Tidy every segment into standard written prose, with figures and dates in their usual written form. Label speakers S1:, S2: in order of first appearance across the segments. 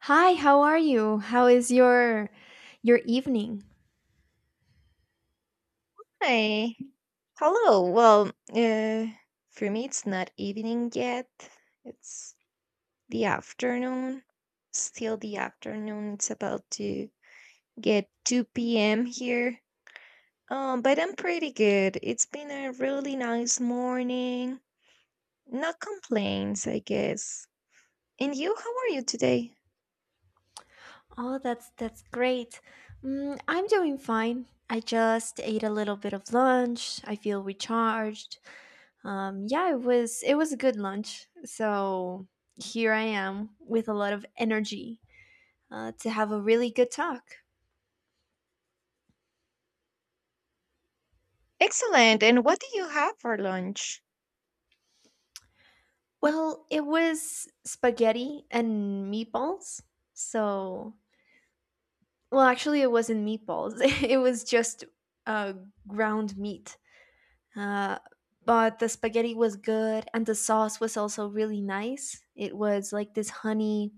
S1: Hi, how are you? How is your evening?
S2: Hi. Hello. Well, uh, for me, it's not evening yet. It's the afternoon. Still the afternoon. It's about to get 2 p.m. here. But I'm pretty good. It's been a really nice morning. No complaints, I guess. And you, how are you today?
S1: Oh, that's great. Mm, I'm doing fine. I just ate a little bit of lunch. I feel recharged. Yeah, it was a good lunch. So here I am with a lot of energy to have a really good talk.
S2: Excellent. And what do you have for lunch?
S1: Well, it was spaghetti and meatballs. So well, actually, it wasn't meatballs. It was just uh, ground meat. Uh, but the spaghetti was good and the sauce was also really nice. It was like this honey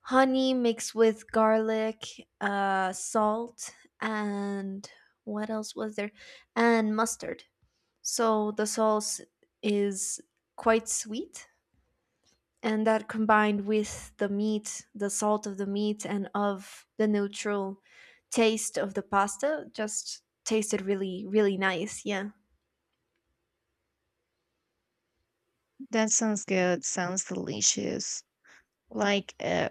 S1: honey mixed with garlic, salt, and what else was there? And mustard. So the sauce is quite sweet, and that combined with the meat, the salt of the meat and of the neutral taste of the pasta just tasted really nice. Yeah.
S2: That sounds good. Sounds delicious. Like, uh,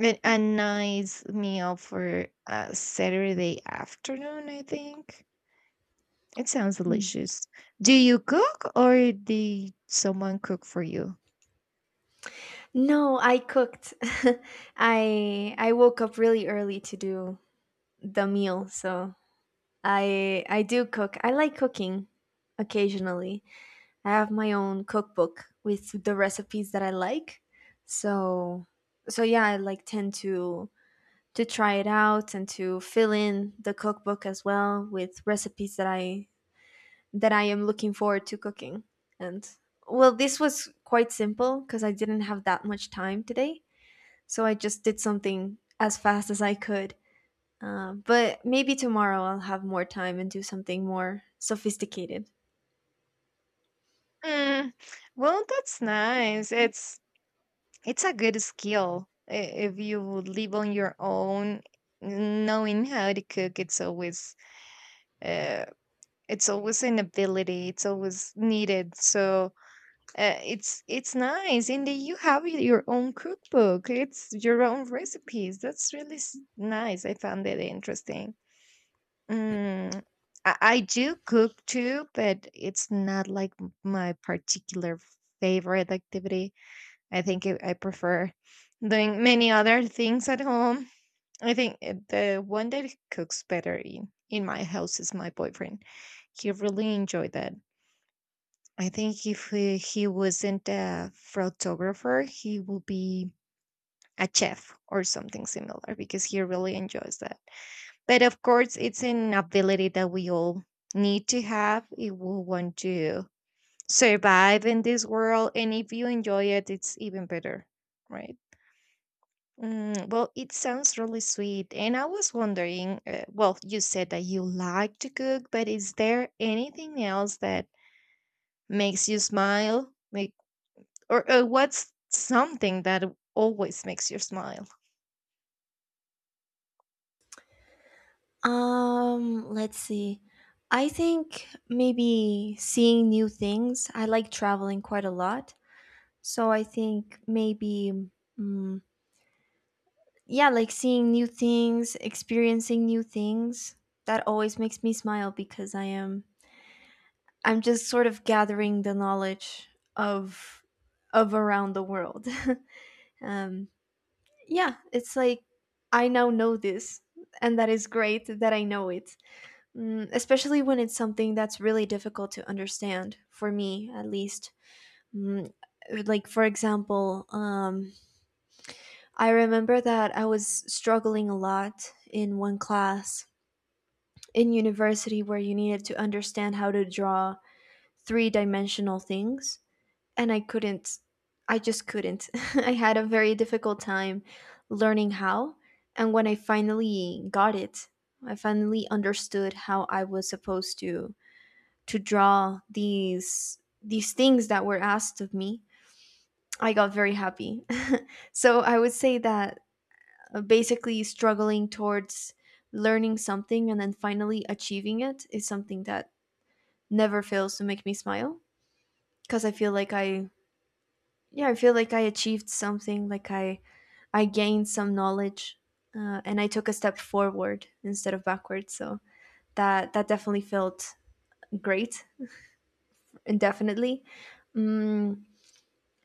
S2: A a nice meal for a Saturday afternoon, I think. It sounds
S1: Mm.
S2: delicious. Do you cook or did someone cook for you?
S1: No, I cooked. I woke up really early to do the meal, so I do cook. I like cooking occasionally. I have my own cookbook with the recipes that I like. So yeah, I like tend to try it out and to fill in the cookbook as well with recipes that I am looking forward to cooking. And well, this was quite simple because I didn't have that much time today, so I just did something as fast as I could. But maybe tomorrow I'll have more time and do something more sophisticated.
S2: Mm, well, that's nice. It's a good skill if you live on your own. Knowing how to cook, uh, it's always an ability. It's always needed. So. It's nice, and then you have your own cookbook. It's your own recipes. That's really nice. I found it interesting. Mm, I do cook too, but it's not like my particular favorite activity. I think I prefer doing many other things at home. I think the one that cooks better in my house is my boyfriend. He really enjoyed that. I think if he wasn't a photographer, he would be a chef or something similar because he really enjoys that. But of course, it's an ability that we all need to have if we want to survive in this world. And if you enjoy it, it's even better, right? Well, it sounds really sweet. And I was wondering, well, you said that you like to cook, but is there anything else that makes you smile? Like. Or, what's something that always makes you smile?
S1: Let's see. I think maybe seeing new things. I like traveling quite a lot. So I think maybe, mm, yeah, like seeing new things, experiencing new things. That always makes me smile because I'm just sort of gathering the knowledge of, of around the world. um, yeah, it's like I now know this, and that is great that I know it. Mm, especially when it's something that's really difficult to understand for me at least. Mm, like for example I remember that I was struggling a lot in one class in university where you needed to understand how to draw three dimensional things, and I couldn't. I just couldn't. I had a very difficult time learning how, and when I finally got it, I finally understood how I was supposed to draw these things that were asked of me. I got very happy. So I would say that basically struggling towards learning something and then finally achieving it is something that never fails to make me smile because I feel like I achieved something. I gained some knowledge, and I took a step forward instead of backwards. So that definitely felt great indefinitely. Mm,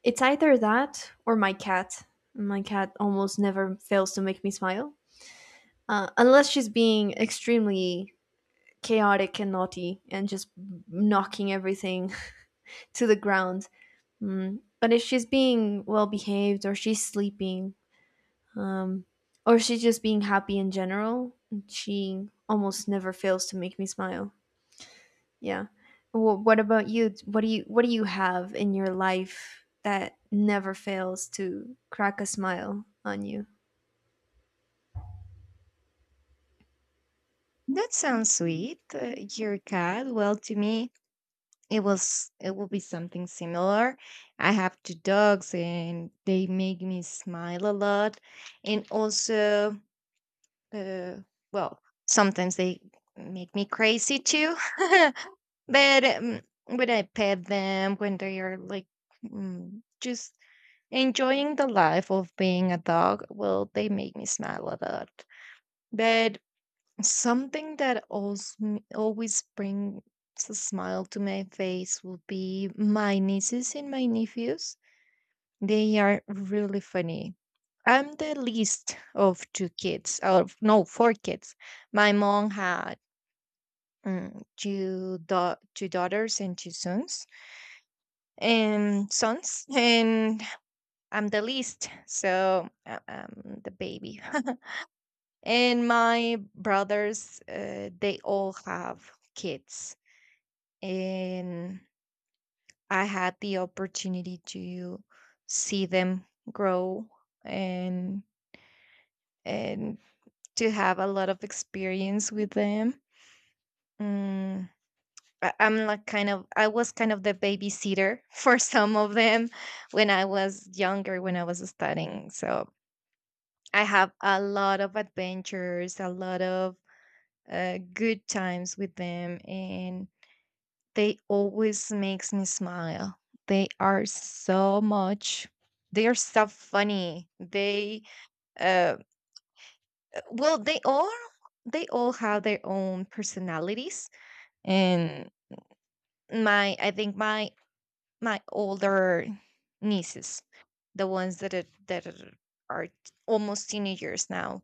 S1: it's either that or my cat. My cat almost never fails to make me smile unless she's being extremely chaotic and naughty and just knocking everything to the ground. Mm. But if she's being well behaved, or she's sleeping, um, or she's just being happy in general. She almost never fails to make me smile. Yeah. Well, what about you? What do you have in your life that never fails to crack a smile on you?
S2: That sounds sweet. Your cat. Well, to me, it will be something similar. I have two dogs, and they make me smile a lot. And also, uh, well, sometimes they make me crazy too. But when I pet them, when they are like, just enjoying the life of being a dog, well, they make me smile a lot. But something that always, always brings a smile to my face will be my nieces and my nephews. They are really funny. I'm the least of two kids, or no, four kids. My mom had two daughters and two sons, and I'm the least, so I'm the baby. And my brothers, they all have kids. And I had the opportunity to see them grow and and to have a lot of experience with them. Mm, I was kind of the babysitter for some of them when I was younger, when I was studying. So I have a lot of adventures, a lot of good times with them, and they always makes me smile. They are so much. They are so funny. They uh, well, they all have their own personalities. And I think my older nieces, the ones that are almost teenagers now,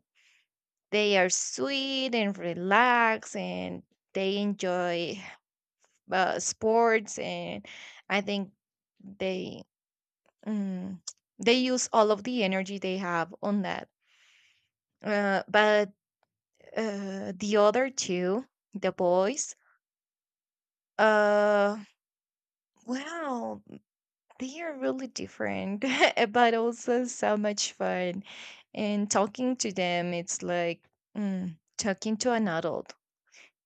S2: they are sweet and relaxed, and they enjoy sports. And I think they. Mm. They use all of the energy they have on that. But the other two, the boys, uh, well, they are really different, but also so much fun. And talking to them, it's like, talking to an adult.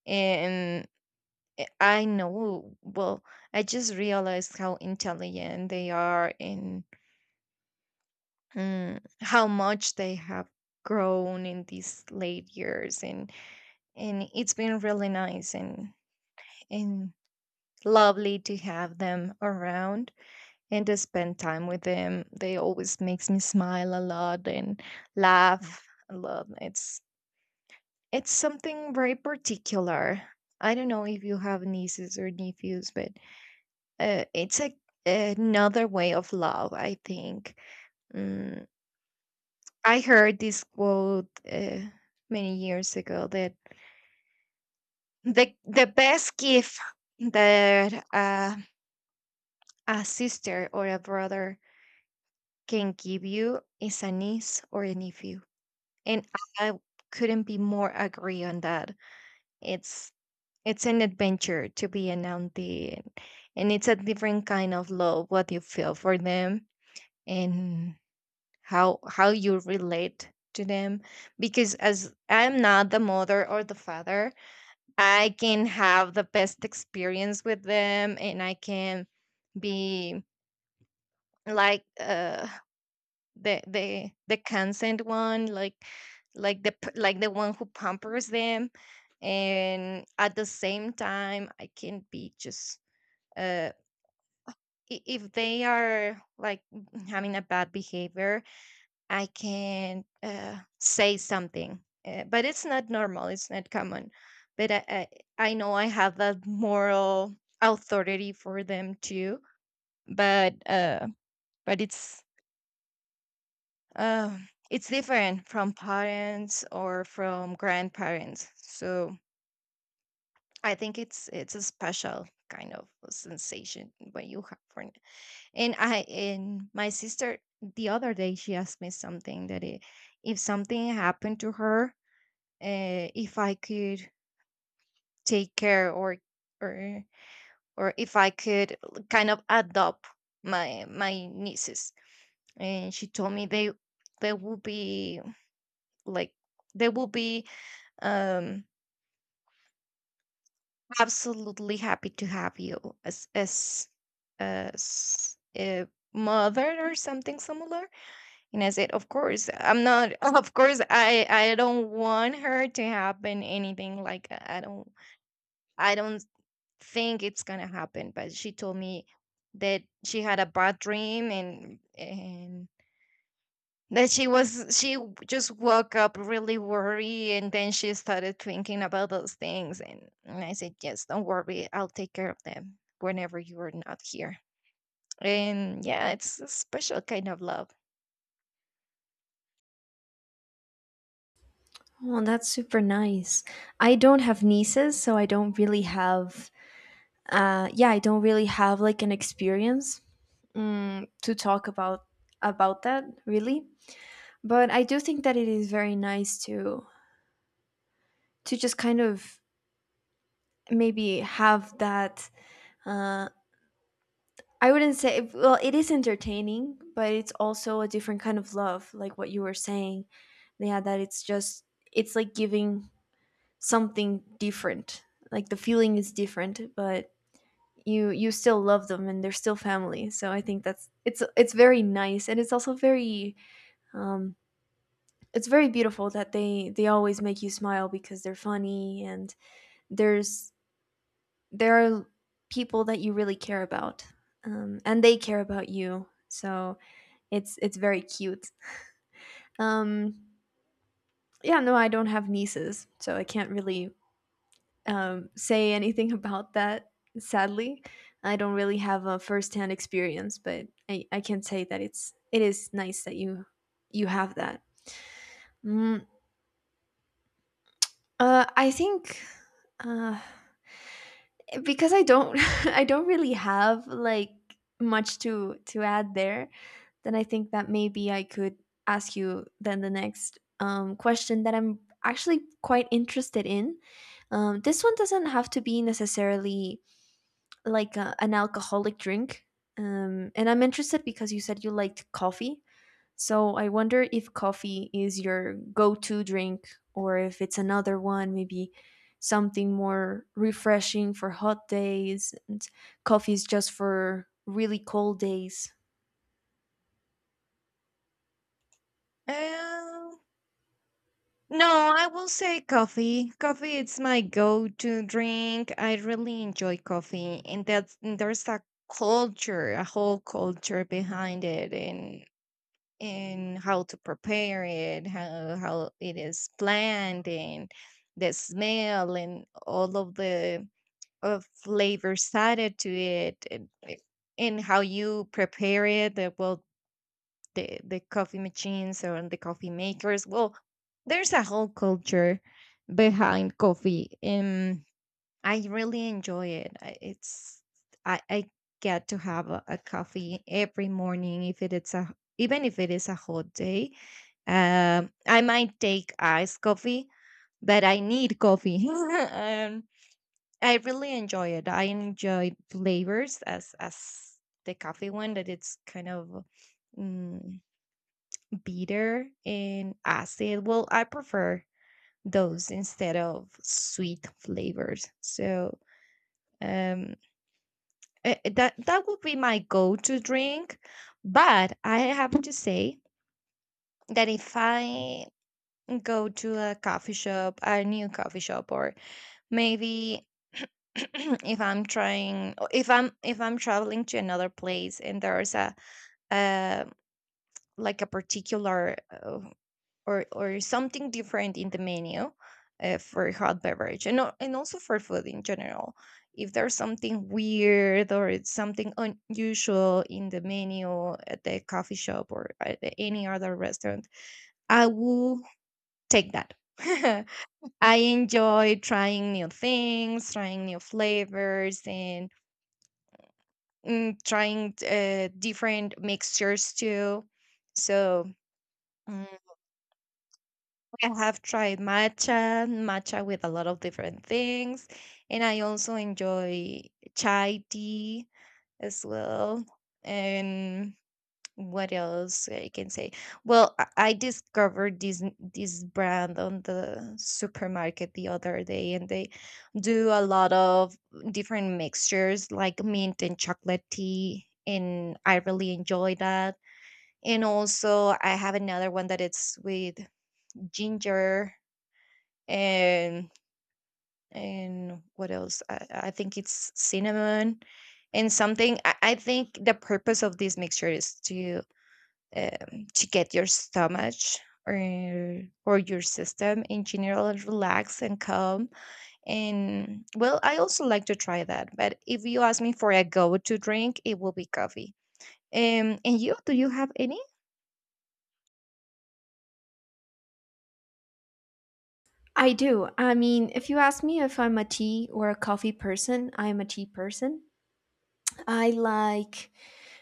S2: And I know, well, I just realized how intelligent they are, and, how much they have grown in these late years, and it's been really nice, and lovely to have them around, and to spend time with them. They always makes me smile a lot and laugh a lot. It's something very particular. I don't know if you have nieces or nephews, but it's a another way of love, I think. Mm, I heard this quote many years ago that the best gift that a sister or a brother can give you is a niece or a nephew, and I couldn't be more agree on that. It's it's an adventure to be an auntie, and it's a different kind of love what you feel for them, and how you relate to them, because as I'm not the mother or the father, I can have the best experience with them, and I can be, like, the consent one, like the one who pampers them. And at the same time, I can be just, uh if they are like having a bad behavior, I can, say something, but it's not normal. It's not common. But I know I have that moral authority for them too. But uh, but uh, it's different from parents or from grandparents. So I think it's a special kind of sensation when you have one. And I and my sister, the other day, she asked me something that, if something happened to her, if I could take care, or or if I could kind of adopt my nieces. And she told me they will be, like they will be um absolutely happy to have you as as as a mother or something similar. And I said, of course, I'm not. Of course, I don't want her to happen anything, like, I don't think it's gonna happen, but she told me that she had a bad dream, and that she just woke up really worried, and then she started thinking about those things, and I said, yes, don't worry, I'll take care of them whenever you are not here. And yeah, it's a special kind of love.
S1: Oh, that's super nice. I don't have nieces, so I don't really have. Yeah, I don't really have like an experience, mm, to talk about that really, but I do think that it is very nice to just kind of maybe have that, uh I wouldn't say, well, it is entertaining, but it's also a different kind of love, like what you were saying. Yeah, that it's just it's like giving something different, like the feeling is different, but you still love them, and they're still family. So I think that's it's very nice, and it's also very um it's very beautiful that they always make you smile because they're funny and there's there are people that you really care about, and they care about you. So it's very cute. um, yeah, no, I don't have nieces, so I can't really say anything about that, sadly. I don't really have a first-hand experience, but I can say that it's it is nice that you have that. Mm, I think uh, because I don't I don't really have like much to add there, then I think that maybe I could ask you then the next question that I'm actually quite interested in. This one doesn't have to be necessarily like a, an alcoholic drink. And I'm interested because you said you liked coffee. So I wonder if coffee is your go to drink, or if it's another one, maybe something more refreshing for hot days, and coffee is just for really cold days.
S2: um No, I will say coffee. Coffee is my go-to drink. I really enjoy coffee, and there's a culture, a whole culture behind it, and how to prepare it, how it is planned, and the smell, and all of the flavors added to it, and how you prepare it. Well, the coffee machines or the coffee makers. Well, there's a whole culture behind coffee. I really enjoy it. I get to have a coffee every morning, if it is a even if it is a hot day. I might take iced coffee, but I need coffee. I really enjoy it. I enjoy flavors as the coffee one, that it's kind of, mm, bitter and acid. Well, I prefer those instead of sweet flavors. So. Um eh, eh, that that would be my go-to drink. But I have to say that if I go to a coffee shop, a new coffee shop, or maybe, if I'm trying, or if I'm traveling to another place, and there's a, uh, like a particular, or something different in the menu, for hot beverage, and and also for food in general. If there's something weird, or it's something unusual in the menu at the coffee shop, or at any other restaurant, I will take that. I enjoy trying new things, trying new flavors, and, trying different mixtures too. So. mm, I have tried matcha, with a lot of different things, and I also enjoy chai tea as well. And what else I can say? Well, I discovered this brand on the supermarket the other day, and they do a lot of different mixtures like mint and chocolate tea, and I really enjoy that. And also, I have another one that it's with ginger and and what else? I think it's cinnamon and something. I think the purpose of this mixture is to get your stomach, or your system in general, relaxed and calm. And well, I also like to try that. But if you ask me for a go-to drink, it will be coffee. And you, do you have any?
S1: I do. I mean, if you ask me if I'm a tea or a coffee person, I'm a tea person. I like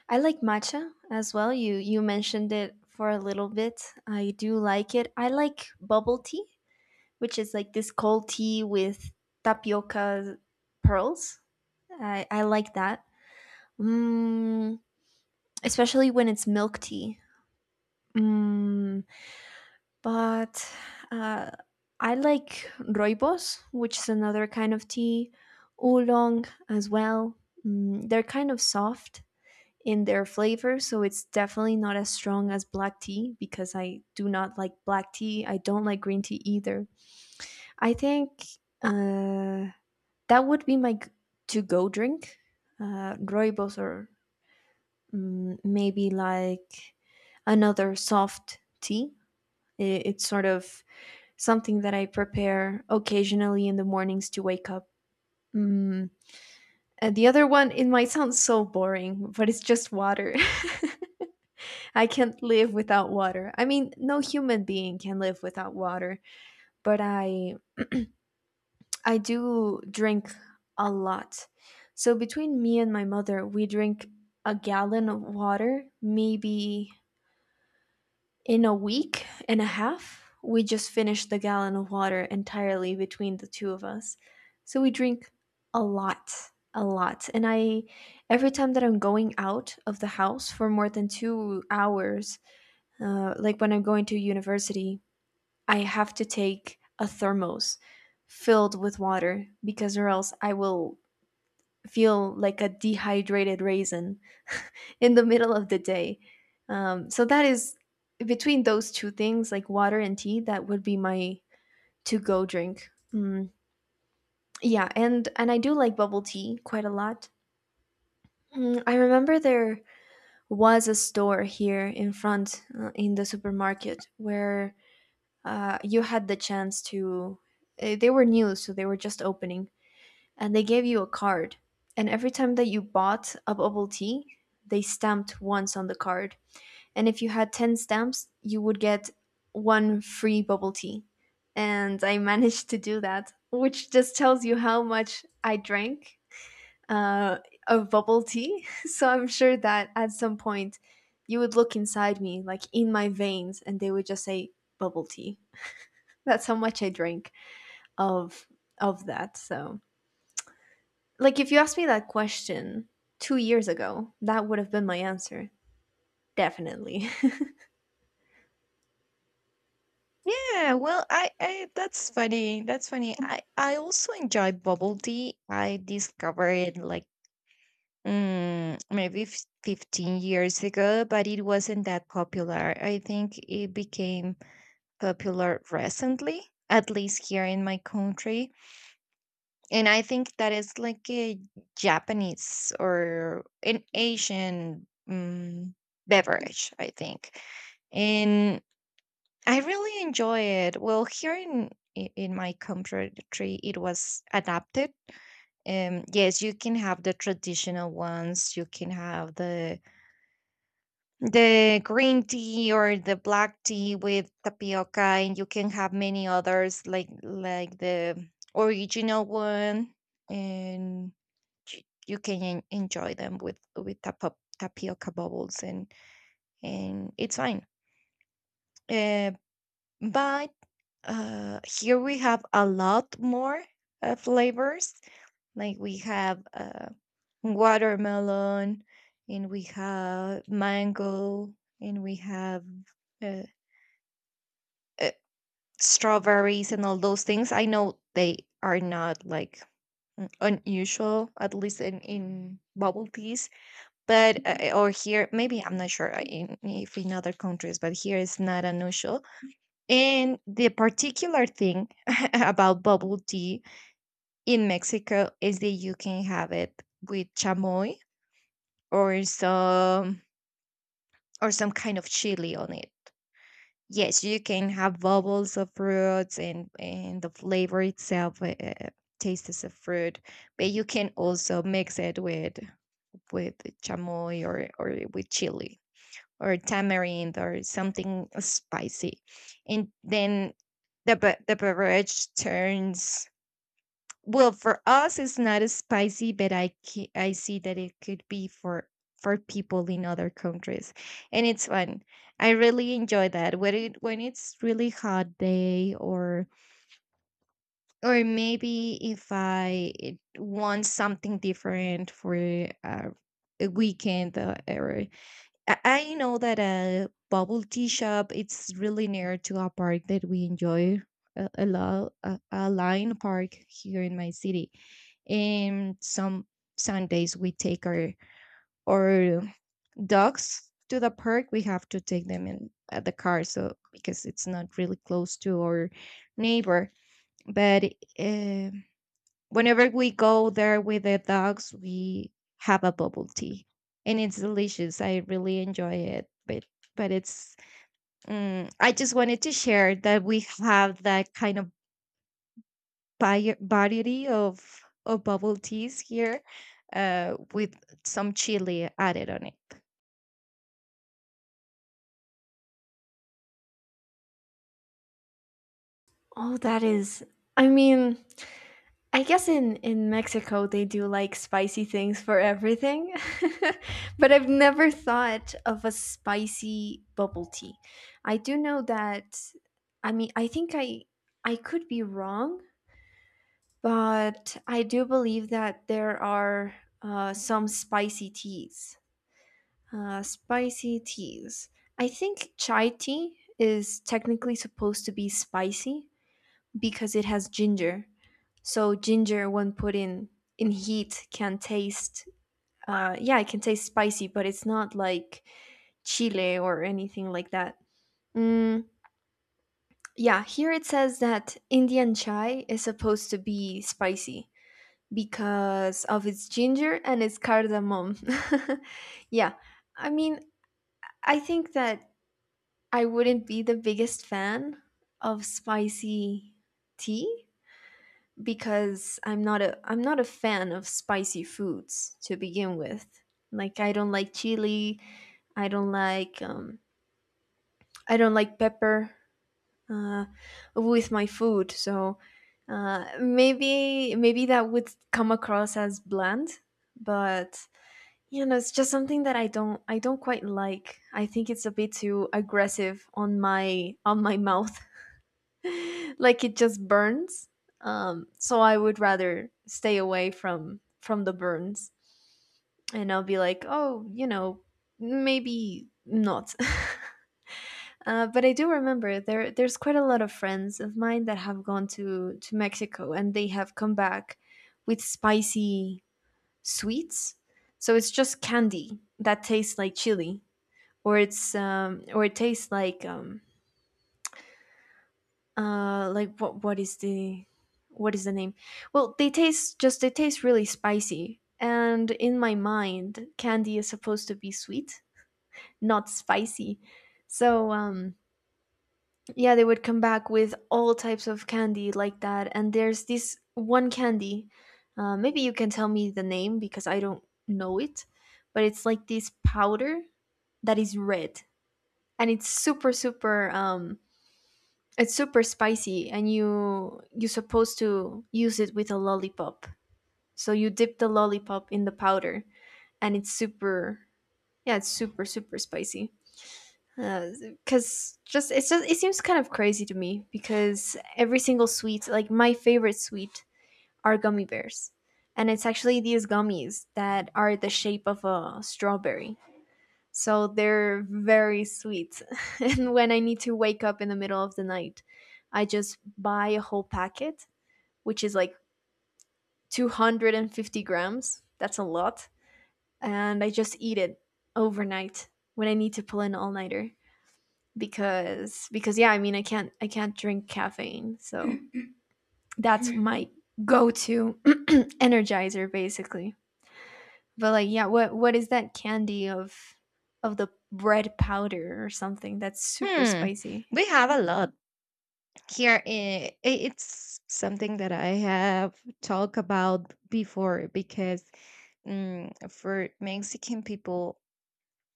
S1: I like matcha as well. You mentioned it for a little bit. I do like it. I like bubble tea, which is like this cold tea with tapioca pearls. I like that. Mm, especially when it's milk tea. Mm, but uh, I like roibos, which is another kind of tea, oolong as well. Mm, they're kind of soft in their flavor. So it's definitely not as strong as black tea because I do not like black tea. I don't like green tea either. I think uh, that would be my to go drink, rooibos, or mm, maybe like another soft tea. I- It's sort of something that I prepare occasionally in the mornings to wake up. Mm. And the other one, it might sound so boring, but it's just water. I can't live without water. I mean, no human being can live without water, but I do drink a lot. So between me and my mother, we drink a gallon of water maybe in a week and a half. We just finished the gallon of water entirely between the two of us. So we drink a lot, a lot. And I Every time that I'm going out of the house for more than 2 hours, like when I'm going to university, I have to take a thermos filled with water, because or else I will feel like a dehydrated raisin in the middle of the day. So that is between those two things, like water and tea, that would be my to-go drink. Mm, yeah, and I do like bubble tea quite a lot. Mm, I remember there was a store here in front in the supermarket where you had the chance to eh, they were new, so they were just opening, and they gave you a card, and every time that you bought a bubble tea, they stamped once on the card, and if you had 10 stamps, you would get one free bubble tea. And I managed to do that, which just tells you how much I drank uh, of bubble tea. So I'm sure that at some point you would look inside me, like in my veins, and they would just say bubble tea. That's how much I drank of of that. So, like if you asked me that question 2 years ago, that would have been my answer. Definitely.
S2: Yeah, well, I that's funny. That's funny. I also enjoy bubble tea. I discovered it, like, maybe 15 years ago, but it wasn't that popular. I think it became popular recently, at least here in my country. And I think that is like a Japanese or an Asian, beverage, I think. And I really enjoy it. Well, here in, in my country, it was adapted. Yes, you can have the traditional ones. You can have the green tea or the black tea with tapioca, and you can have many others, like the original one, and you can enjoy them with tapioca bubbles, and it's fine. Uh, but here we have a lot more flavors. Like we have watermelon, and we have mango, and we have, uh, uh, strawberries and all those things. I know they are not like unusual, at least in bubble teas, but or here, maybe I'm not sure if in other countries, but here it's not unusual. And the particular thing about bubble tea in Mexico is that you can have it with chamoy or some or some kind of chili on it. Yes, you can have bubbles of fruits and the flavor itself tastes of fruit, but you can also mix it with chamoy or with chili or tamarind or something spicy, and then the beverage turns, well, for us, it's not as spicy, but I see that it could be for people in other countries, and it's fun. I really enjoy that when it's really hot day, or maybe if I want something different for uh, a weekend or I know that a bubble tea shop it's really near to a park that we enjoy a lot, a line park here in my city. And some Sundays we take our dogs to the park. We have to take them in at the car, so because it's not really close to our neighbor. But um whenever we go there with the dogs, we have a bubble tea, and it's delicious. I really enjoy it, but but it's. I just wanted to share that we have that kind of variety of bubble teas here, with some chili added on it.
S1: Oh, that is I mean, I guess in Mexico they do like spicy things for everything. But I've never thought of a spicy bubble tea. I do know that I mean, I think I could be wrong, but I do believe that there are some spicy teas. Uh, spicy teas. I think chai tea is technically supposed to be spicy because it has ginger. So ginger, when put in heat, can taste. Yeah, it can taste spicy, but it's not like chile or anything like that. Mm, yeah, here it says that Indian chai is supposed to be spicy because of its ginger and its cardamom. Yeah, I mean, I think that I wouldn't be the biggest fan of spicy tea because I'm not a fan of spicy foods to begin with. Like I don't like chili, I don't like um, I don't like pepper uh, with my food. So maybe that would come across as bland, but you know, it's just something that I don't quite like. I think it's a bit too aggressive on my mouth. Like it just burns. So I would rather stay away from the burns. And I'll be like, "Oh, you know, maybe not." But I do remember there's quite a lot of friends of mine that have gone to Mexico and they have come back with spicy sweets. So it's just candy that tastes like chili, or it's or it tastes like what is the name? Well, they taste really spicy. And in my mind, candy is supposed to be sweet, not spicy. So yeah, they would come back with all types of candy like that. And there's this one candy. Maybe you can tell me the name because I don't know it. But it's like this powder that is red, and it's super, super. It's super spicy, and you're supposed to use it with a lollipop. So you dip the lollipop in the powder, and it's super. Yeah, it's super, super spicy because just it's just it seems kind of crazy to me because every single sweet, like my favorite sweet, are gummy bears, and it's actually these gummies that are the shape of a strawberry, so they're very sweet. And when I need to wake up in the middle of the night, I just buy a whole packet, which is like 250 grams. That's a lot. And I just eat it overnight when I need to pull an all-nighter because yeah, I mean, I can't drink caffeine. So that's my go-to energizer, basically. But like, yeah, what is that candy of the bread powder or something that's super
S2: Hmm,
S1: spicy?
S2: we have a lot here. It's something that I have talked about before because, for Mexican people,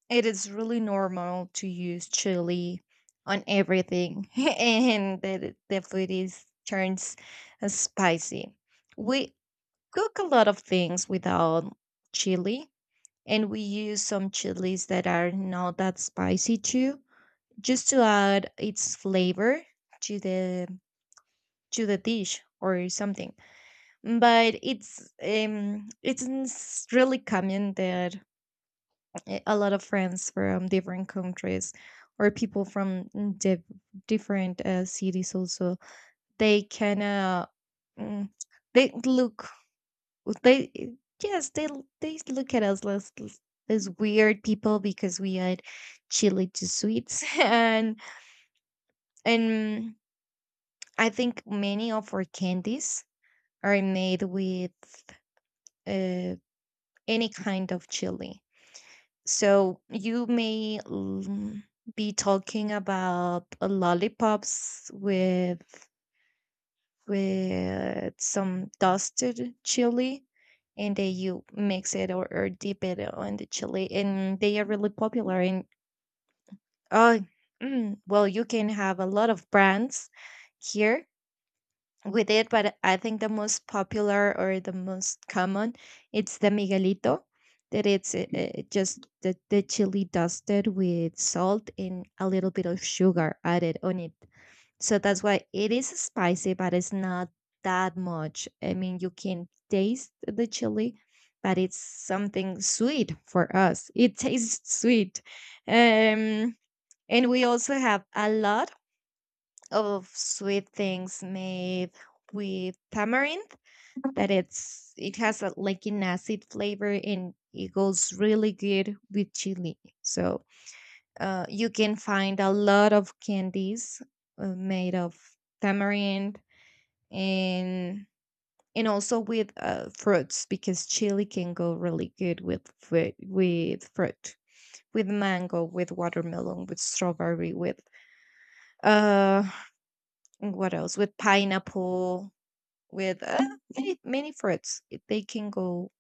S2: it is really normal to use chili on everything, and the food is turns spicy. We cook a lot of things without chili, and we use some chilies that are not that spicy too, just to add its flavor to the to the dish or something. But it's really common that a lot of friends from different countries or people from diff different cities also they can mm, they look they yes they look at us as weird people because we had chili to sweets and I think many of our candies are made with uh, any kind of chili. So you may be talking about lollipops with some dusted chili, and then you mix it or dip it on the chili, and they are really popular. And oh, well, you can have a lot of brands here with it, but I think the most popular or the most common it's the Miguelito. That it's just the chili dusted with salt and a little bit of sugar added on it. So that's why it is spicy, but it's not that much. I mean, you can taste the chili, but it's something sweet for us. It tastes sweet. Um, and we also have a lot of sweet things made with tamarind, that it's it has a, like an acid flavor and it goes really good with chili, so you can find a lot of candies made of tamarind and and also with fruits because chili can go really good with with fruit, with mango, with watermelon, with strawberry with uh what else, with pineapple, with many many fruits. They can go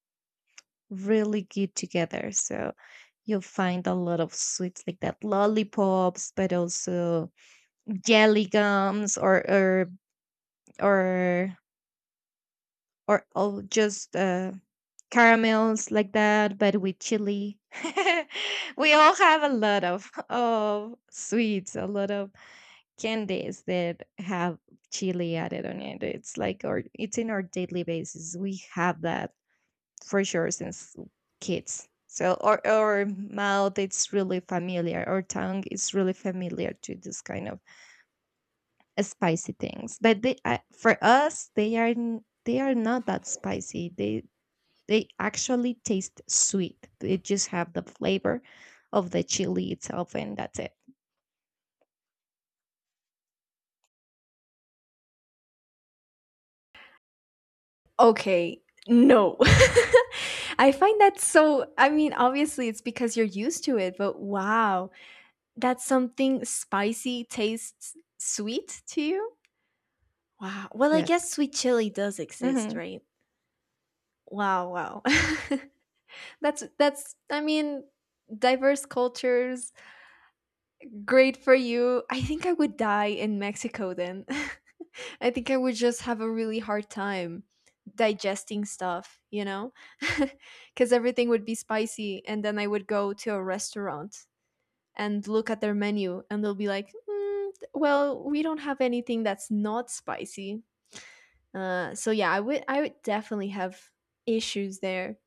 S2: really good together. So you'll find a lot of sweets like that, lollipops, but also jelly gums or or just caramels like that, but with chili. we all have a lot of sweets, a lot of candies that have chili added on it. It's like our it's in our daily basis. We have that for sure since kids. So our mouth it's really familiar, our tongue is really familiar to this kind of spicy things. But they for us they are they are not that spicy. They actually taste sweet. They just have the flavor of the chili itself, and that's it.
S1: Okay, no. I find that so I mean obviously it's because you're used to it, but wow, that something spicy tastes sweet to you? Wow. Well, I guess
S2: Yes.
S1: sweet chili does exist,
S2: hmm
S1: right? Wow, wow. That's I mean, diverse cultures, great for you. I think I would die in Mexico then. I think I would just have a really hard time digesting stuff, you know? Cuz everything would be spicy, and then I would go to a restaurant and look at their menu and they'll be like, mm, "Well, we don't have anything that's not spicy." So yeah, I would definitely have issues there.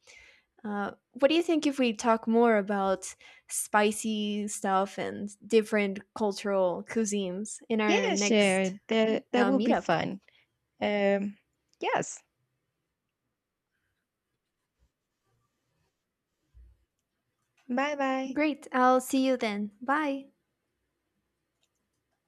S1: What do you think if we talk more about spicy stuff and different cultural cuisines in our
S2: Yeah, sure.
S1: next
S2: That that will be
S1: meetup?
S2: fun. Um. Yes. Bye bye.
S1: Great. I'll see you then. Bye.